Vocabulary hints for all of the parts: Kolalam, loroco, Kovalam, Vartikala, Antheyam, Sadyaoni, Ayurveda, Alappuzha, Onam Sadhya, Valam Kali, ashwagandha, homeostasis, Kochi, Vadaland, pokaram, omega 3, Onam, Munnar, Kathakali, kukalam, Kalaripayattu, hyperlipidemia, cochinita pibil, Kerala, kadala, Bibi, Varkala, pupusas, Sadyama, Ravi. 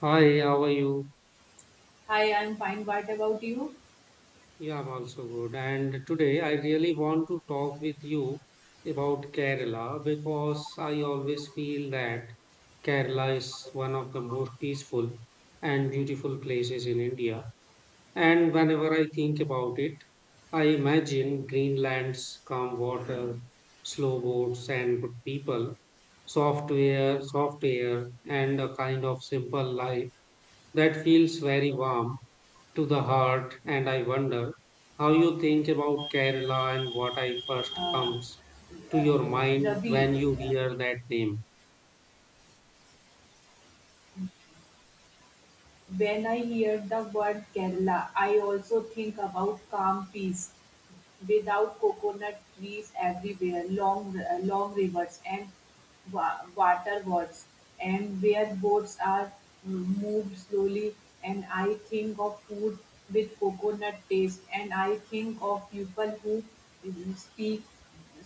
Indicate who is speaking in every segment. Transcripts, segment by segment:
Speaker 1: Hi, how are you?
Speaker 2: Hi, I'm fine. What about you?
Speaker 1: Yeah, I'm also good. And today I really want to talk with you about Kerala because I always feel that Kerala is one of the most peaceful and beautiful places in India. And whenever I think about it, I imagine green lands, calm water, slow boats, and good people, soft air, and a kind of simple life that feels very warm to the heart, and I wonder how you think about Kerala and what I first comes to
Speaker 2: Uh,
Speaker 1: your mind
Speaker 2: Ravi,
Speaker 1: when you hear that name.
Speaker 2: when I hear the word Kerala, I also think about calm peace. Without coconut trees everywhere, long rivers and water wars, and where boats are moved slowly. And I think of food with coconut taste, and I think of people who speak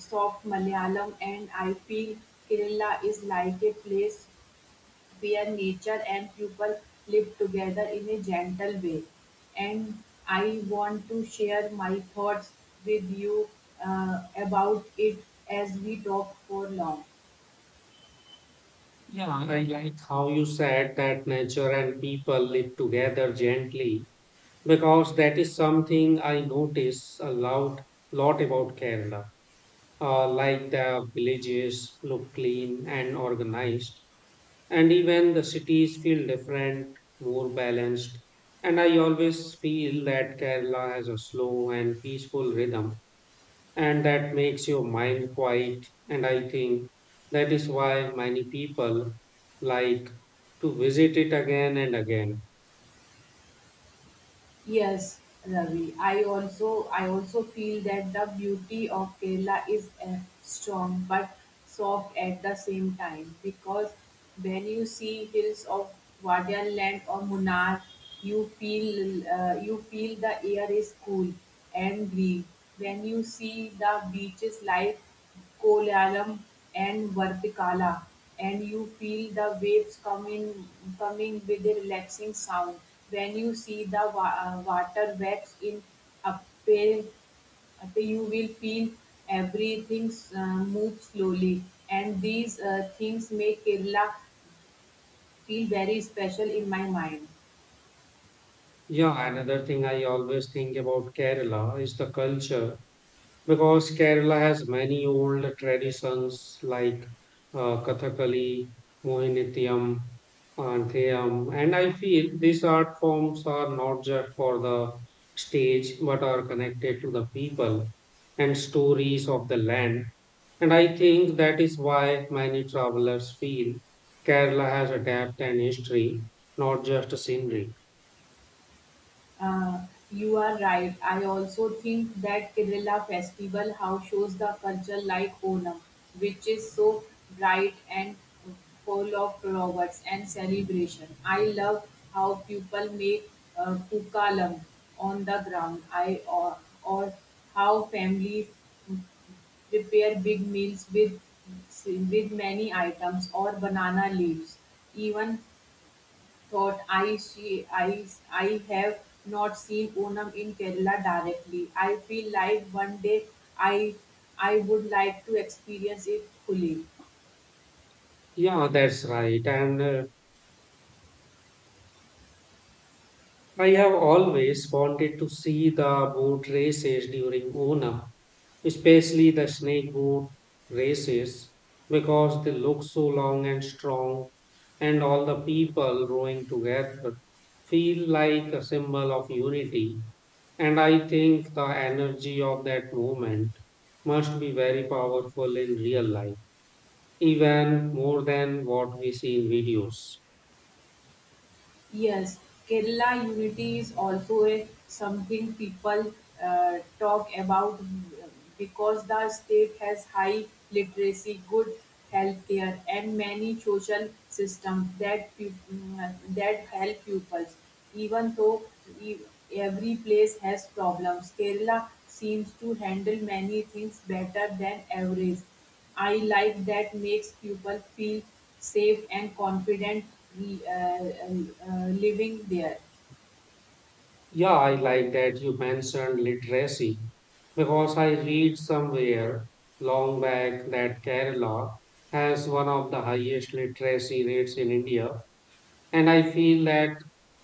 Speaker 2: soft Malayalam, and I feel Kerala is like a place where nature and people live together in a gentle way. And I want to share my thoughts with you about it as we talk for long.
Speaker 1: Yeah, I like how you said that nature and people live together gently because that is something I notice a lot about Kerala. Like the villages look clean and organized, and even the cities feel different, more balanced. And I always feel that Kerala has a slow and peaceful rhythm, and that makes your mind quiet. And I think that is why many people like to visit it again and again.
Speaker 2: Yes, Ravi. I also feel that the beauty of Kerala is strong but soft at the same time, because when you see hills of Vadaland or Munnar, you feel the air is cool and green. When you see the beaches live Kolalam and Vartikala, and you feel the waves coming with a relaxing sound, when you see the water waves in appear, after you will feel everything move slowly, and these things make Kerala feel very special in my mind.
Speaker 1: Yeah, another thing I always think about Kerala is the culture because Kerala has many old traditions like Kathakali, Mohinitiyam, Antheyam, and I feel these art forms are not just for the stage but are connected to the people and stories of the land. And I think that is why many travelers feel Kerala has a depth and history, not just a scenery.
Speaker 2: Uh, you are right. I also think that Kerala festival house shows the culture like Onam, which is so bright and full of flowers and celebration. I love how people make kukalam on the ground. I or how families prepare big meals with many items or banana leaves. Even thought I she I have not seen Onam in Kerala directly. I feel like one day I I would like to experience it fully.
Speaker 1: Yeah, that's right. And I have always wanted to see the boat races during Onam, especially the snake boat races, because they look so long and strong, and all the people rowing together feel like a symbol of unity. And I think the energy of that movement must be very powerful in real life, even more than what we see in videos.
Speaker 2: Yes, Kerala unity is also something people talk about, because the state has high literacy, good health care, and many social systems that help pupils. Even though e- every place has problems, Kerala seems to handle many things better than average. I like that makes people feel safe and confident living there.
Speaker 1: Yeah, I like that you mentioned literacy because I read somewhere long back that Kerala has one of the highest literacy rates in India. And I feel that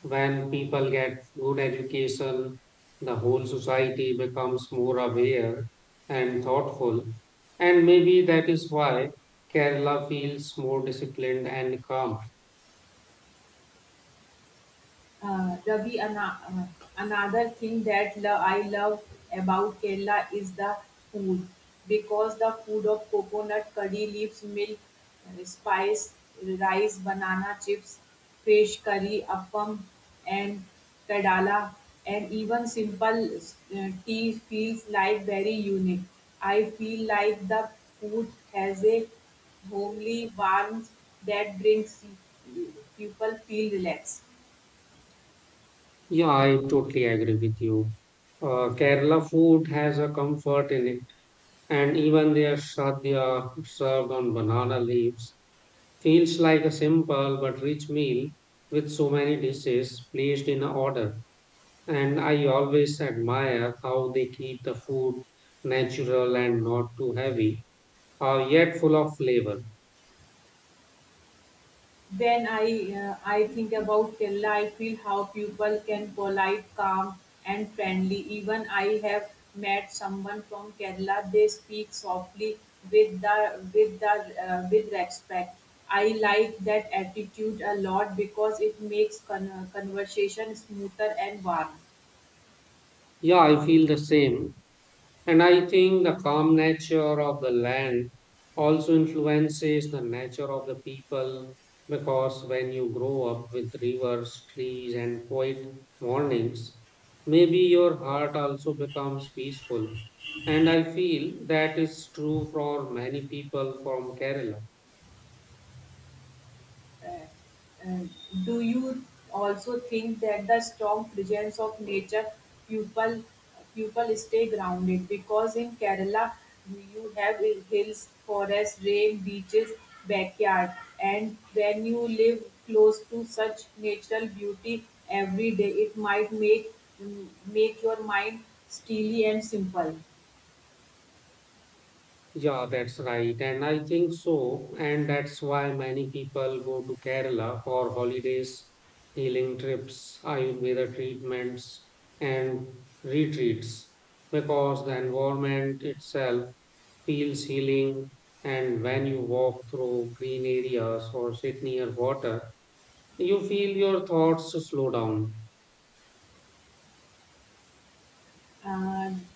Speaker 1: when people get good education, the whole society becomes more aware and thoughtful. And maybe that is why Kerala feels more disciplined and calm.
Speaker 2: Ravi, another thing that I love about Kerala is the food, because the food of coconut curry leaves, milk, spice, rice, banana chips, fish curry, appam, and kadala, and even simple tea feels like very unique. I feel like the food has a homely warmth that brings people feel relaxed.
Speaker 1: Yeah, I totally agree with you. Kerala food has a comfort in it, and even their sadhya served on banana leaves feels like a simple but rich meal with so many dishes placed in order. And I always admire how they keep the food natural and not too heavy, yet full of flavor.
Speaker 2: When I think about Kerala, I feel how people can polite, calm, and friendly. Even I have met someone from Kerala. They speak softly with the with the with respect. I like that attitude a lot because it makes conversation smoother and warm.
Speaker 1: Yeah, I feel the same. And I think the calm nature of the land also influences the nature of the people because when you grow up with rivers, trees, and quiet mornings, maybe your heart also becomes peaceful. And I feel that is true for many people from Kerala.
Speaker 2: And do you also think that the strong presence of nature, people people stay grounded, because in Kerala you have hills, forests, rain, beaches, backyard, and when you live close to such natural beauty every day, it might make your mind steely and simple.
Speaker 1: Yeah, that's right. And I think so. And that's why many people go to Kerala for holidays, healing trips, Ayurveda treatments, and retreats because the environment itself feels healing. And when you walk through green areas or sit near water, you feel your thoughts slow down.
Speaker 2: Um,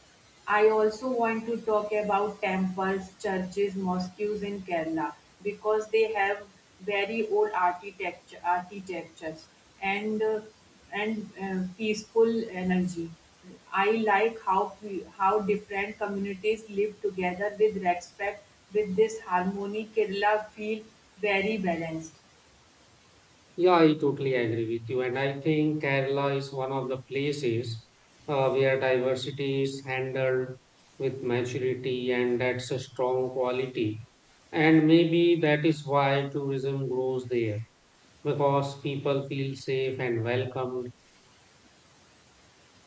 Speaker 2: I also want to talk about temples, churches, mosques in Kerala, because they have very old architectures and peaceful energy. I like how different communities live together with respect. With this harmony, Kerala feel very balanced.
Speaker 1: Yeah, I totally agree with you. And I think Kerala is one of the places where diversity is handled with maturity, and that's a strong quality. And maybe that is why tourism grows there because people feel safe and welcomed.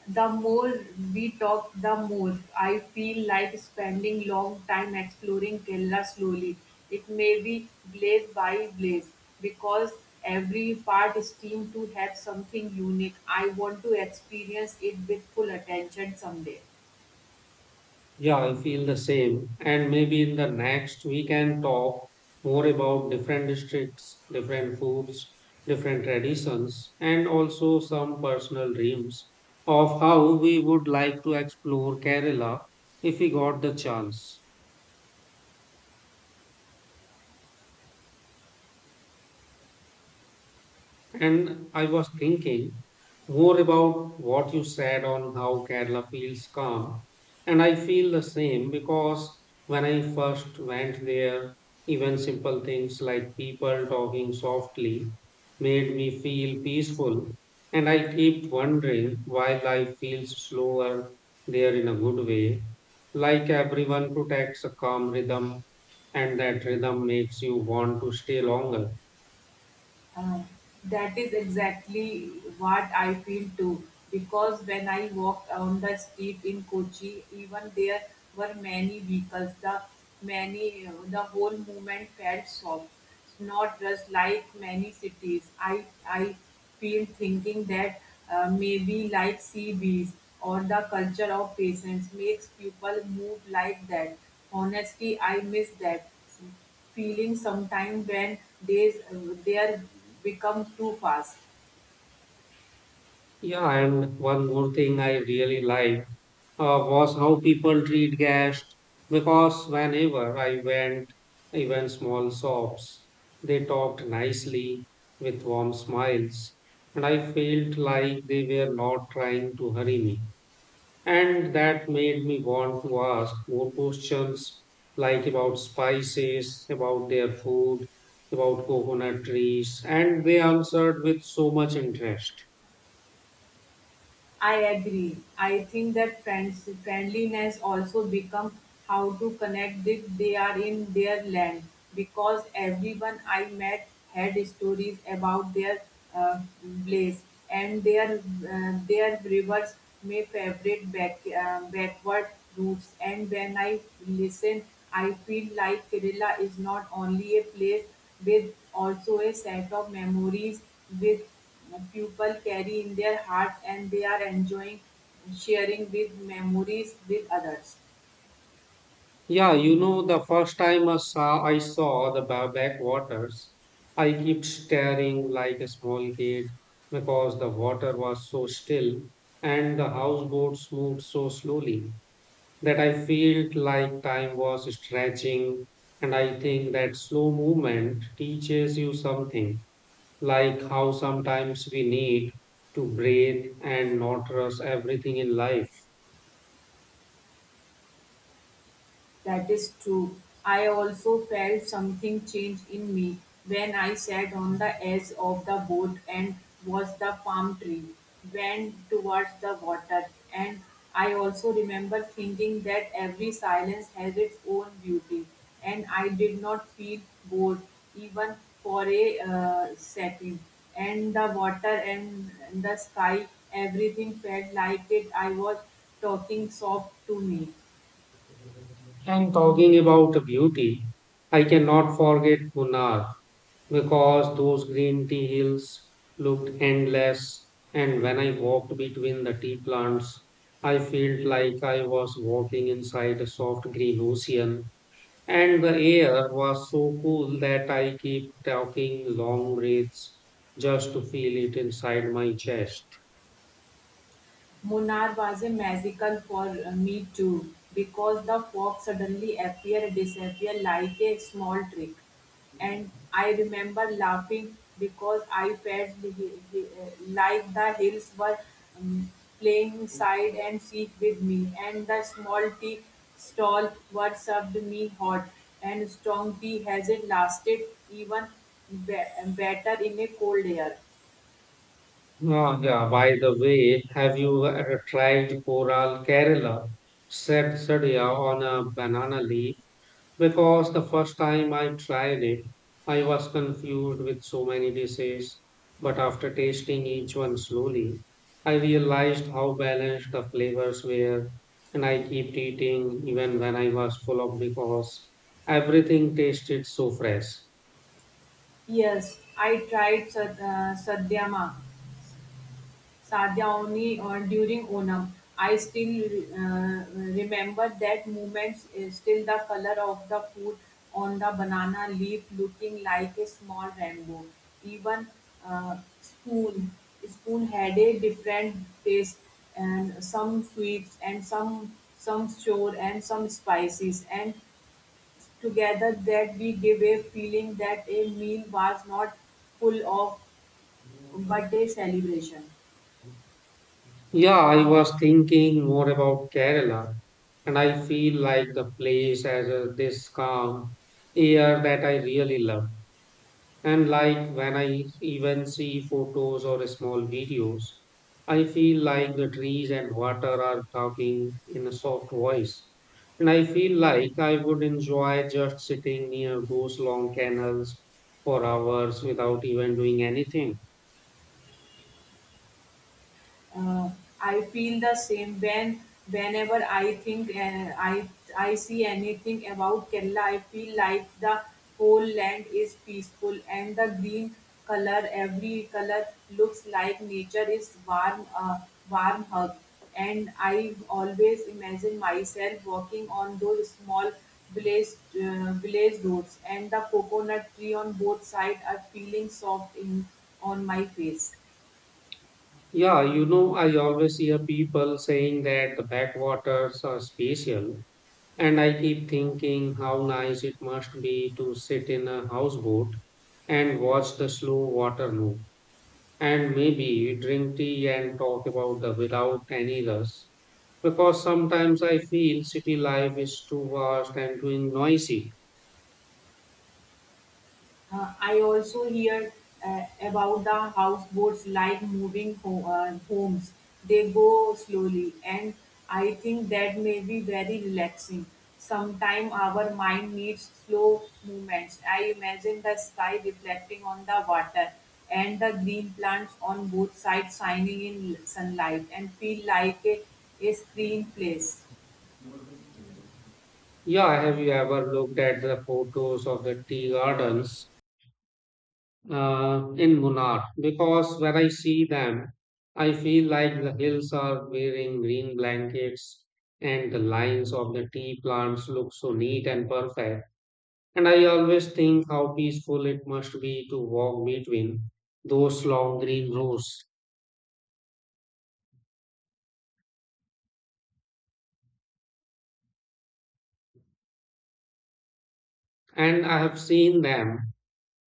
Speaker 2: The more we talk, the more I feel like spending long time exploring Kerala slowly. It may be blaze by blaze, because every part seems to have something unique. I want to experience it with full attention someday.
Speaker 1: Yeah, I feel the same. And maybe in the next we can talk more about different districts, different foods, different traditions, and also some personal dreams of how we would like to explore Kerala if we got the chance. And I was thinking more about what you said on how Kerala feels calm. And I feel the same because when I first went there, even simple things like people talking softly made me feel peaceful. And I keep wondering why life feels slower there in a good way. Like everyone protects a calm rhythm, and that rhythm makes you want to stay longer.
Speaker 2: Uh, that is exactly what I feel too. Because when I walked on the street in Kochi, even there were many vehicles. The whole movement felt soft, not just like many cities. I feel thinking that, maybe like sea bees or the culture of patience makes people move like that. Honestly, I miss that feeling sometimes when days, they are become too fast.
Speaker 1: Yeah, and one more thing I really liked was how people treat guests because whenever I went, even small shops, they talked nicely with warm smiles, and I felt like they were not trying to hurry me. And that made me want to ask more questions like about spices, about their food, about coconut trees, and they answered with so much interest.
Speaker 2: I agree. I think that friendliness also become how to connect if they are in their land, because everyone I met had stories about their uh, place and their rivers, may favorite backward routes, and when I listen, I feel like Kerala is not only a place with also a set of memories with people carry in their heart, and they are enjoying sharing with memories with others.
Speaker 1: Yeah, you know, the first time I saw the backwaters, I kept staring like a small kid because the water was so still and the houseboats moved so slowly that I felt like time was stretching. And I think that slow movement teaches you something, like how sometimes we need to breathe and not rush everything in life.
Speaker 2: That is true. I also felt something change in me when I sat on the edge of the boat and watched the palm tree bend towards the water. And I also remember thinking that every silence has its own beauty, and I did not feel bored even for a second. And the water and the sky, everything felt like it. I was talking soft to me.
Speaker 1: And talking about beauty, I cannot forget Munnar because those green tea hills looked endless. And when I walked between the tea plants, I felt like I was walking inside a soft green ocean. And the air was so cool that I keep talking long breaths just to feel it inside my chest.
Speaker 2: Munar was a miracle for me too, because the fog suddenly appeared, disappeared like a small trick, and I remember laughing because I felt like the hills were um, playing side and seek with me, and the small tea stall were served me hot and strong tea, has it lasted even better in a cold air.
Speaker 1: Ah, yeah, by the way, have you tried Coral Kerala? Said Sadia on a banana leaf because the first time I tried it, I was confused with so many dishes. But after tasting each one slowly, I realized how balanced the flavors were, and I kept eating even when I was full up because everything tasted so fresh.
Speaker 2: Yes, I tried sad- Sadyama Sadyaoni or during Onam. I still remember that moment, is still the color of the food on the banana leaf looking like a small rainbow. Even uh, spoon, spoon, had a different taste, and some sweets and some sour and some spices, and together that we give a feeling that a meal was not full of but a celebration.
Speaker 1: Yeah, I was thinking more about Kerala, and I feel like the place has a, this calm air that I really love. And like when I even see photos or small videos, I feel like the trees and water are talking in a soft voice. And I feel like I would enjoy just sitting near those long canals for hours without even doing anything.
Speaker 2: uh, I feel the same, whenever I think, and I see anything about Kerala. I feel like the whole land is peaceful, and the green color, every color looks like nature is warm, warm hug. And I always imagine myself walking on those small blazed roads, and the coconut tree on both sides are feeling soft in on my face.
Speaker 1: Yeah, you know, I always hear people saying that the backwaters are special, and I keep thinking how nice it must be to sit in a houseboat and watch the slow water move. And maybe drink tea and talk about the without any rush. Because sometimes I feel city life is too vast and too noisy.
Speaker 2: I also hear about the houseboats like moving homes. They go slowly, and I think that may be very relaxing. Sometimes our mind needs slow movements. I imagine the sky reflecting on the water and the green plants on both sides shining in sunlight, and feel like a screen place.
Speaker 1: Yeah, have you ever looked at the photos of the tea gardens in Munnar because when I see them, I feel like the hills are wearing green blankets and the lines of the tea plants look so neat and perfect. And I always think how peaceful it must be to walk between those long green rows. And I have seen them,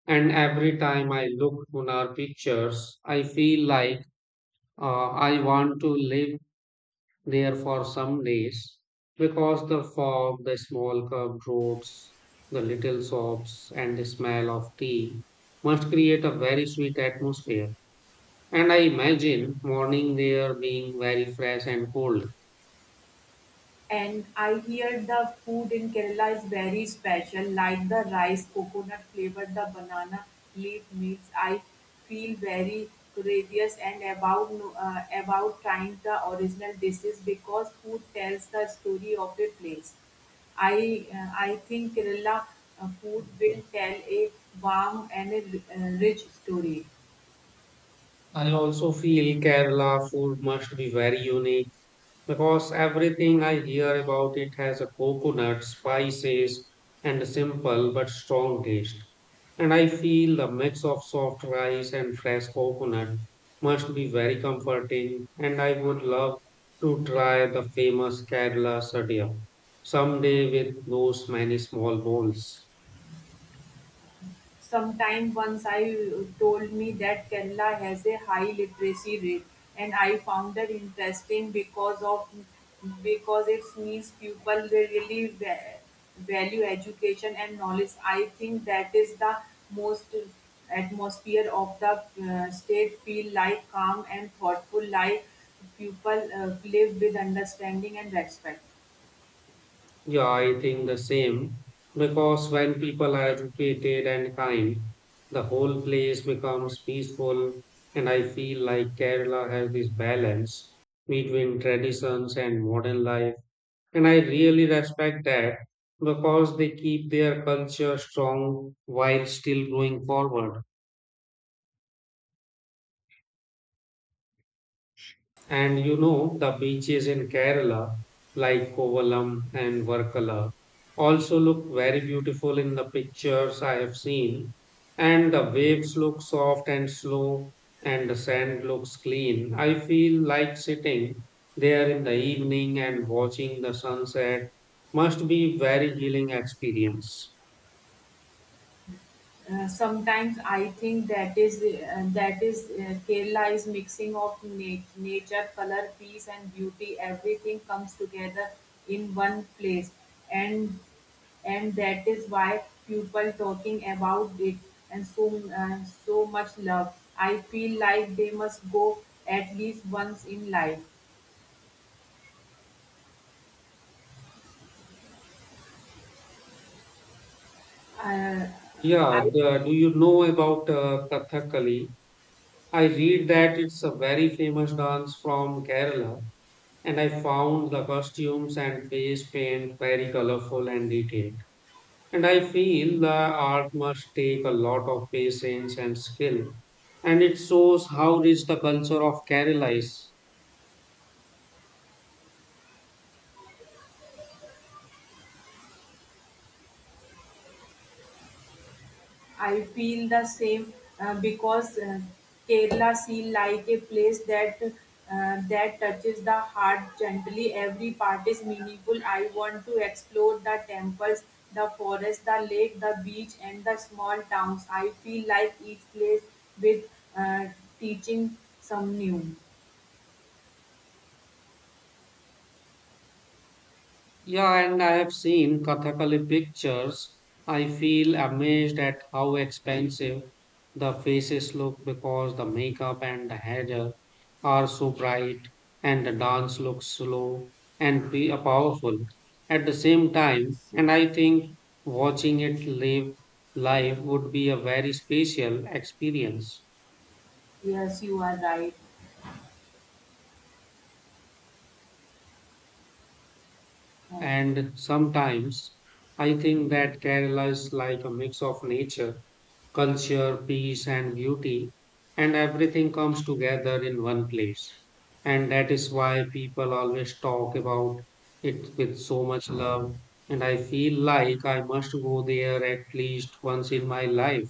Speaker 1: and every time I look on our pictures, I feel like I want to live there for some days because the fog, the small curved roads, the little shops, and the smell of tea must create a very sweet atmosphere. And I imagine morning there being very fresh and cold.
Speaker 2: And I hear the food in Kerala is very special, like the rice, coconut flavored the banana leaf mix. I feel very curious and about no- about trying the original dishes, because food tells the story of a place. I think Kerala food will tell a warm and a rich story.
Speaker 1: I also feel Kerala food must be very unique because everything I hear about it has a coconut, spices, and a simple but strong taste. And I feel the mix of soft rice and fresh coconut must be very comforting, and I would love to try the famous Kerala sadhya someday with those many small bowls.
Speaker 2: Sometime once I told me that Kerala has a high literacy rate, and I found that interesting because it means people really value education and knowledge. I think that is the most atmosphere of the state feel like calm and thoughtful, like people live with understanding and respect.
Speaker 1: Yeah, I think the same. Because when people are educated and kind, the whole place becomes peaceful. And I feel like Kerala has this balance between traditions and modern life. And I really respect that because they keep their culture strong while still going forward. And you know, the beaches in Kerala, like Kovalam and Varkala, also look very beautiful in the pictures I have seen. And the waves look soft and slow, and the sand looks clean. I feel like sitting there in the evening and watching the sunset must be very healing experience.
Speaker 2: Sometimes I think that is Kerala is mixing of nature, color, peace, and beauty. Everything comes together in one place, and that is why people talking about it and so much love. I feel like they must go at least once in life. Uh,
Speaker 1: Yeah,
Speaker 2: I
Speaker 1: the, do you know about Kathakali? I read that it's a very famous dance from Kerala and I found the costumes and face paint very colorful and detailed. And I feel the art must take a lot of patience and skill, and it shows how rich the culture of Kerala is.
Speaker 2: I feel the same, because Kerala seems like a place that touches the heart gently. Every part is meaningful. I want to explore the temples, the forest, the lake, the beach, and the small towns. I feel like each place with, uh, teaching some new.
Speaker 1: Yeah, and I have seen Kathakali pictures. I feel amazed at how expensive the faces look because the makeup and the hair are so bright and the dance looks slow and be powerful at the same time. And I think watching it live would be a very special experience.
Speaker 2: Yes, you are right. Uh,
Speaker 1: And sometimes I think that Kerala is like a mix of nature, culture, peace, and beauty, and everything comes together in one place. And that is why people always talk about it with so much love. And I feel like I must go there at least once in my life.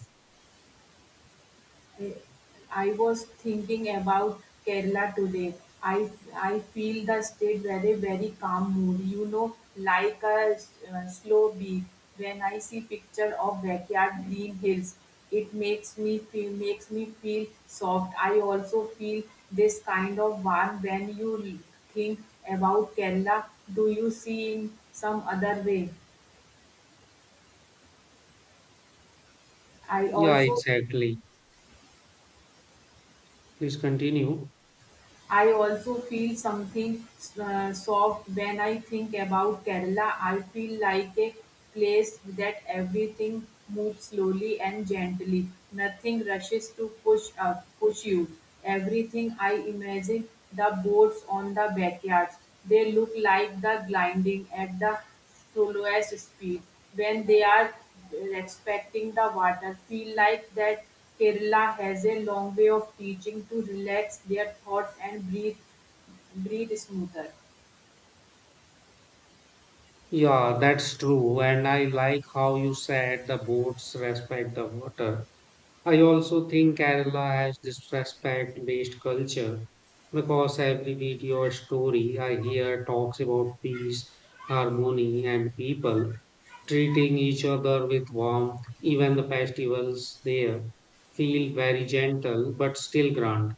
Speaker 2: I was thinking about Kerala today. I feel the state very very calm mood. You know, like a slow beat. When I see picture of backyard green hills, it makes me feel soft. I also feel this kind of warm when you think about Kerala. Do you see in some other way? I
Speaker 1: Yeah,
Speaker 2: also
Speaker 1: exactly. Please continue.
Speaker 2: I also feel something soft when I think about Kerala. I feel like a place that everything moves slowly and gently. Nothing rushes to push you. Everything I imagine the boats on the backyards. They look like the gliding at the to lowest speed when they are respecting the water, feel like that Kerala has a long way of teaching to relax their thoughts and breathe smoother.
Speaker 1: Yeah, that's true. And I like how you said the boats respect the water. I also think Kerala has this respect based culture because every video or story I hear talks about peace, harmony, and people treating each other with warmth. Even the festivals there feel very gentle but still grand,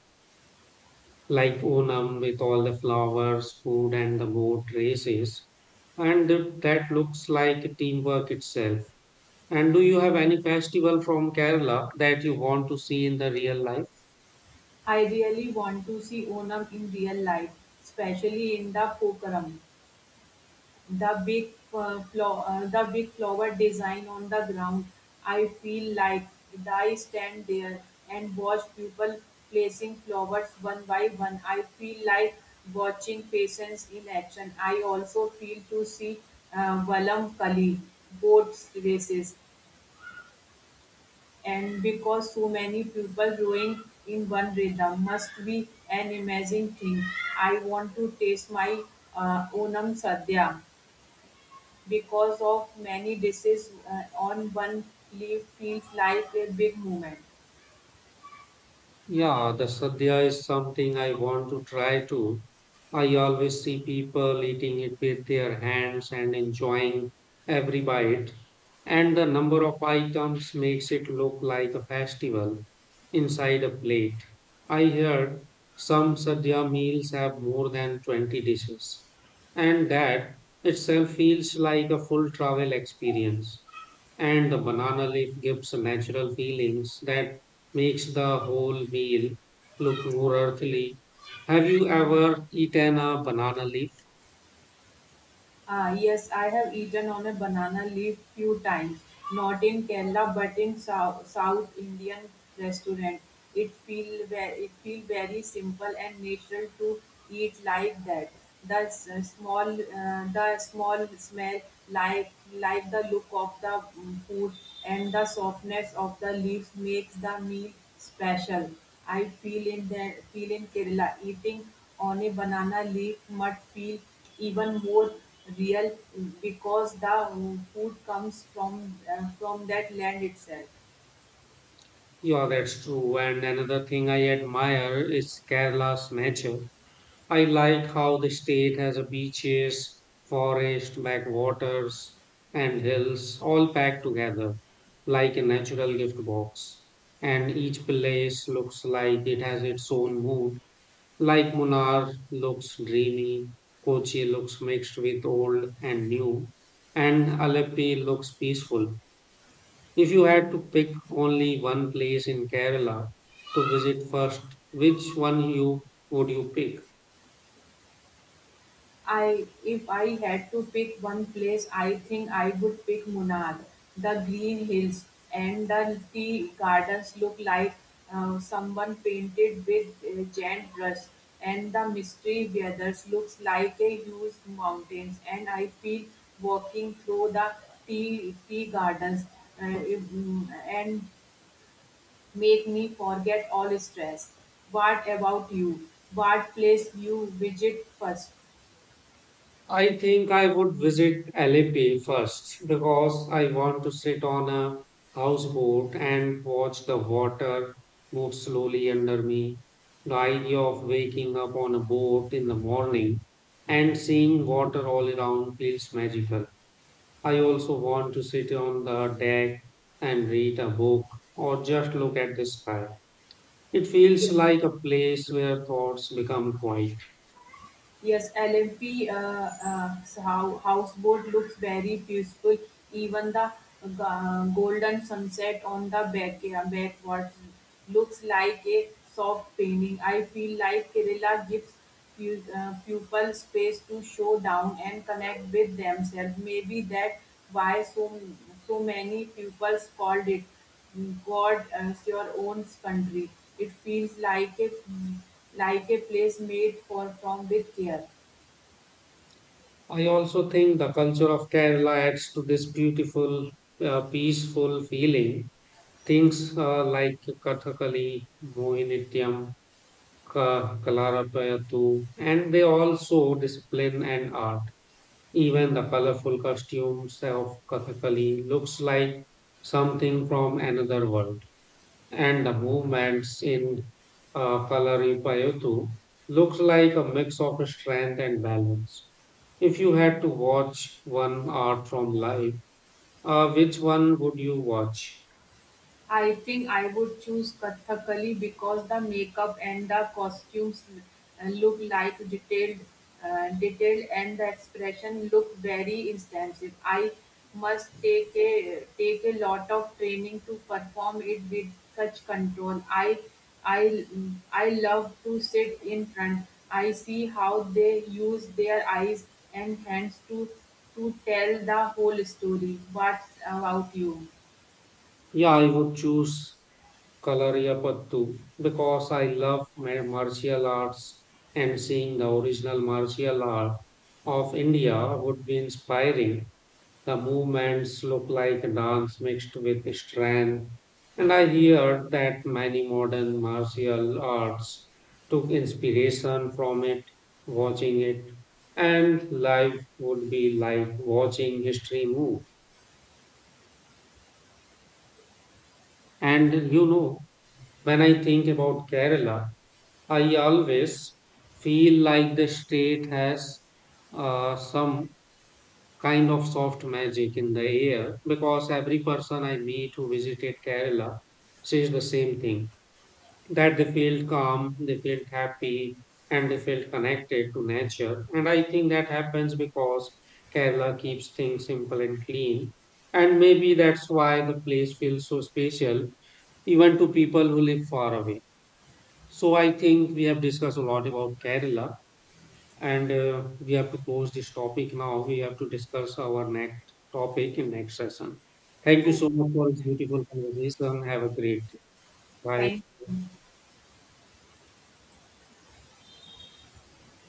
Speaker 1: like Onam with all the flowers, food, and the boat races. And that looks like teamwork itself. And do you have any festival from Kerala that you want to see in the real life?
Speaker 2: I really want to see Onam in real life, especially in the Pokaram. The big flower design on the ground. I feel like I stand there and watch people placing flowers one by one. I feel like watching patients in action. I also feel to see Valam Kali boat races, and because so many people rowing in one rhythm must be an amazing thing. I want to taste my Onam Sadhya, because of many dishes on one leaf feels like a big movement.
Speaker 1: Yeah, the sadhya is something I want to try too. I always see people eating it with their hands and enjoying every bite, and the number of items makes it look like a festival inside a plate. I heard some sadhya meals have more than 20 dishes, and that itself feels like a full travel experience. And the banana leaf gives natural feelings that makes the whole meal look more earthly. Have you ever eaten a banana leaf?
Speaker 2: Ah, yes, I have eaten on a banana leaf few times, not in Kerala but in South Indian restaurant. It feel very simple and natural to eat like that. The small smell, like the look of the food, and the softness of the leaves makes the meal special. I feel in Kerala, eating on a banana leaf must feel even more real, because the food comes from that land itself.
Speaker 1: Yeah, that's true. And another thing I admire is Kerala's nature. I like how the state has a beaches, forest, backwaters, and hills all packed together like a natural gift box. And each place looks like it has its own mood. Like Munnar looks dreamy, Kochi looks mixed with old and new, and Aleppi looks peaceful. If you had to pick only one place in Kerala to visit first, which one you would you pick?
Speaker 2: I if I had to pick one place, I think I would pick Munnar. The green hills and the tea gardens look like someone painted with a giant brush, and the mystery weathers looks like a huge mountains. And I feel walking through the tea gardens and make me forget all stress. What about you? What place you visit first?
Speaker 1: I think I would visit Alepi first because I want to sit on a houseboat and watch the water move slowly under me. The idea of waking up on a boat in the morning and seeing water all around feels magical. I also want to sit on the deck and read a book or just look at the sky. It
Speaker 2: Ye-
Speaker 1: feels like a place where thoughts become quiet.
Speaker 2: Yes, LMP houseboat looks very peaceful. Even the golden sunset on the backwater looks like a soft painting. I feel like Kerala gives pupil space to show down and connect with themselves. Maybe that why so many pupils called it God as your own country. It feels like a place made for from with care.
Speaker 1: I also think the culture of Kerala adds to this beautiful, peaceful feeling. Things like Kathakali, Mohinittyam, Kalarapayattu, and they also discipline and art. Even the colorful costumes of Kathakali looks like something from another world and the movements in Kalaripayattu looks like a mix of strength and balance. If you had to watch one art from life, which one would you watch?
Speaker 2: I think I would choose Kathakali because the makeup and the costumes look like detailed, and the expression look very extensive. I must take a lot of training to perform it with such control. I I love to sit in front. I see how they use their eyes and hands to tell the whole story. What about you?
Speaker 1: Yeah, I would choose Kalariyapattu because I love martial arts and seeing the original martial art of India would be inspiring. The movements look like dance mixed with strength, and I hear that many modern martial arts took inspiration from it. Watching it and life would be like watching history move. And you know, when I think about Kerala, I always feel like the state has some kind of soft magic in the air because every person I meet who visited Kerala says the same thing that they felt calm, they felt happy, and they felt connected to nature. And I think that happens because Kerala keeps things simple and clean. And maybe that's why the place feels so special, even to people who live far away. So I think we have discussed a lot about Kerala. And we have to close this topic now. We have to discuss our next topic in next session. Thank you
Speaker 2: Oh.
Speaker 1: so much for this beautiful conversation. Have a great day.
Speaker 2: time
Speaker 1: Bye.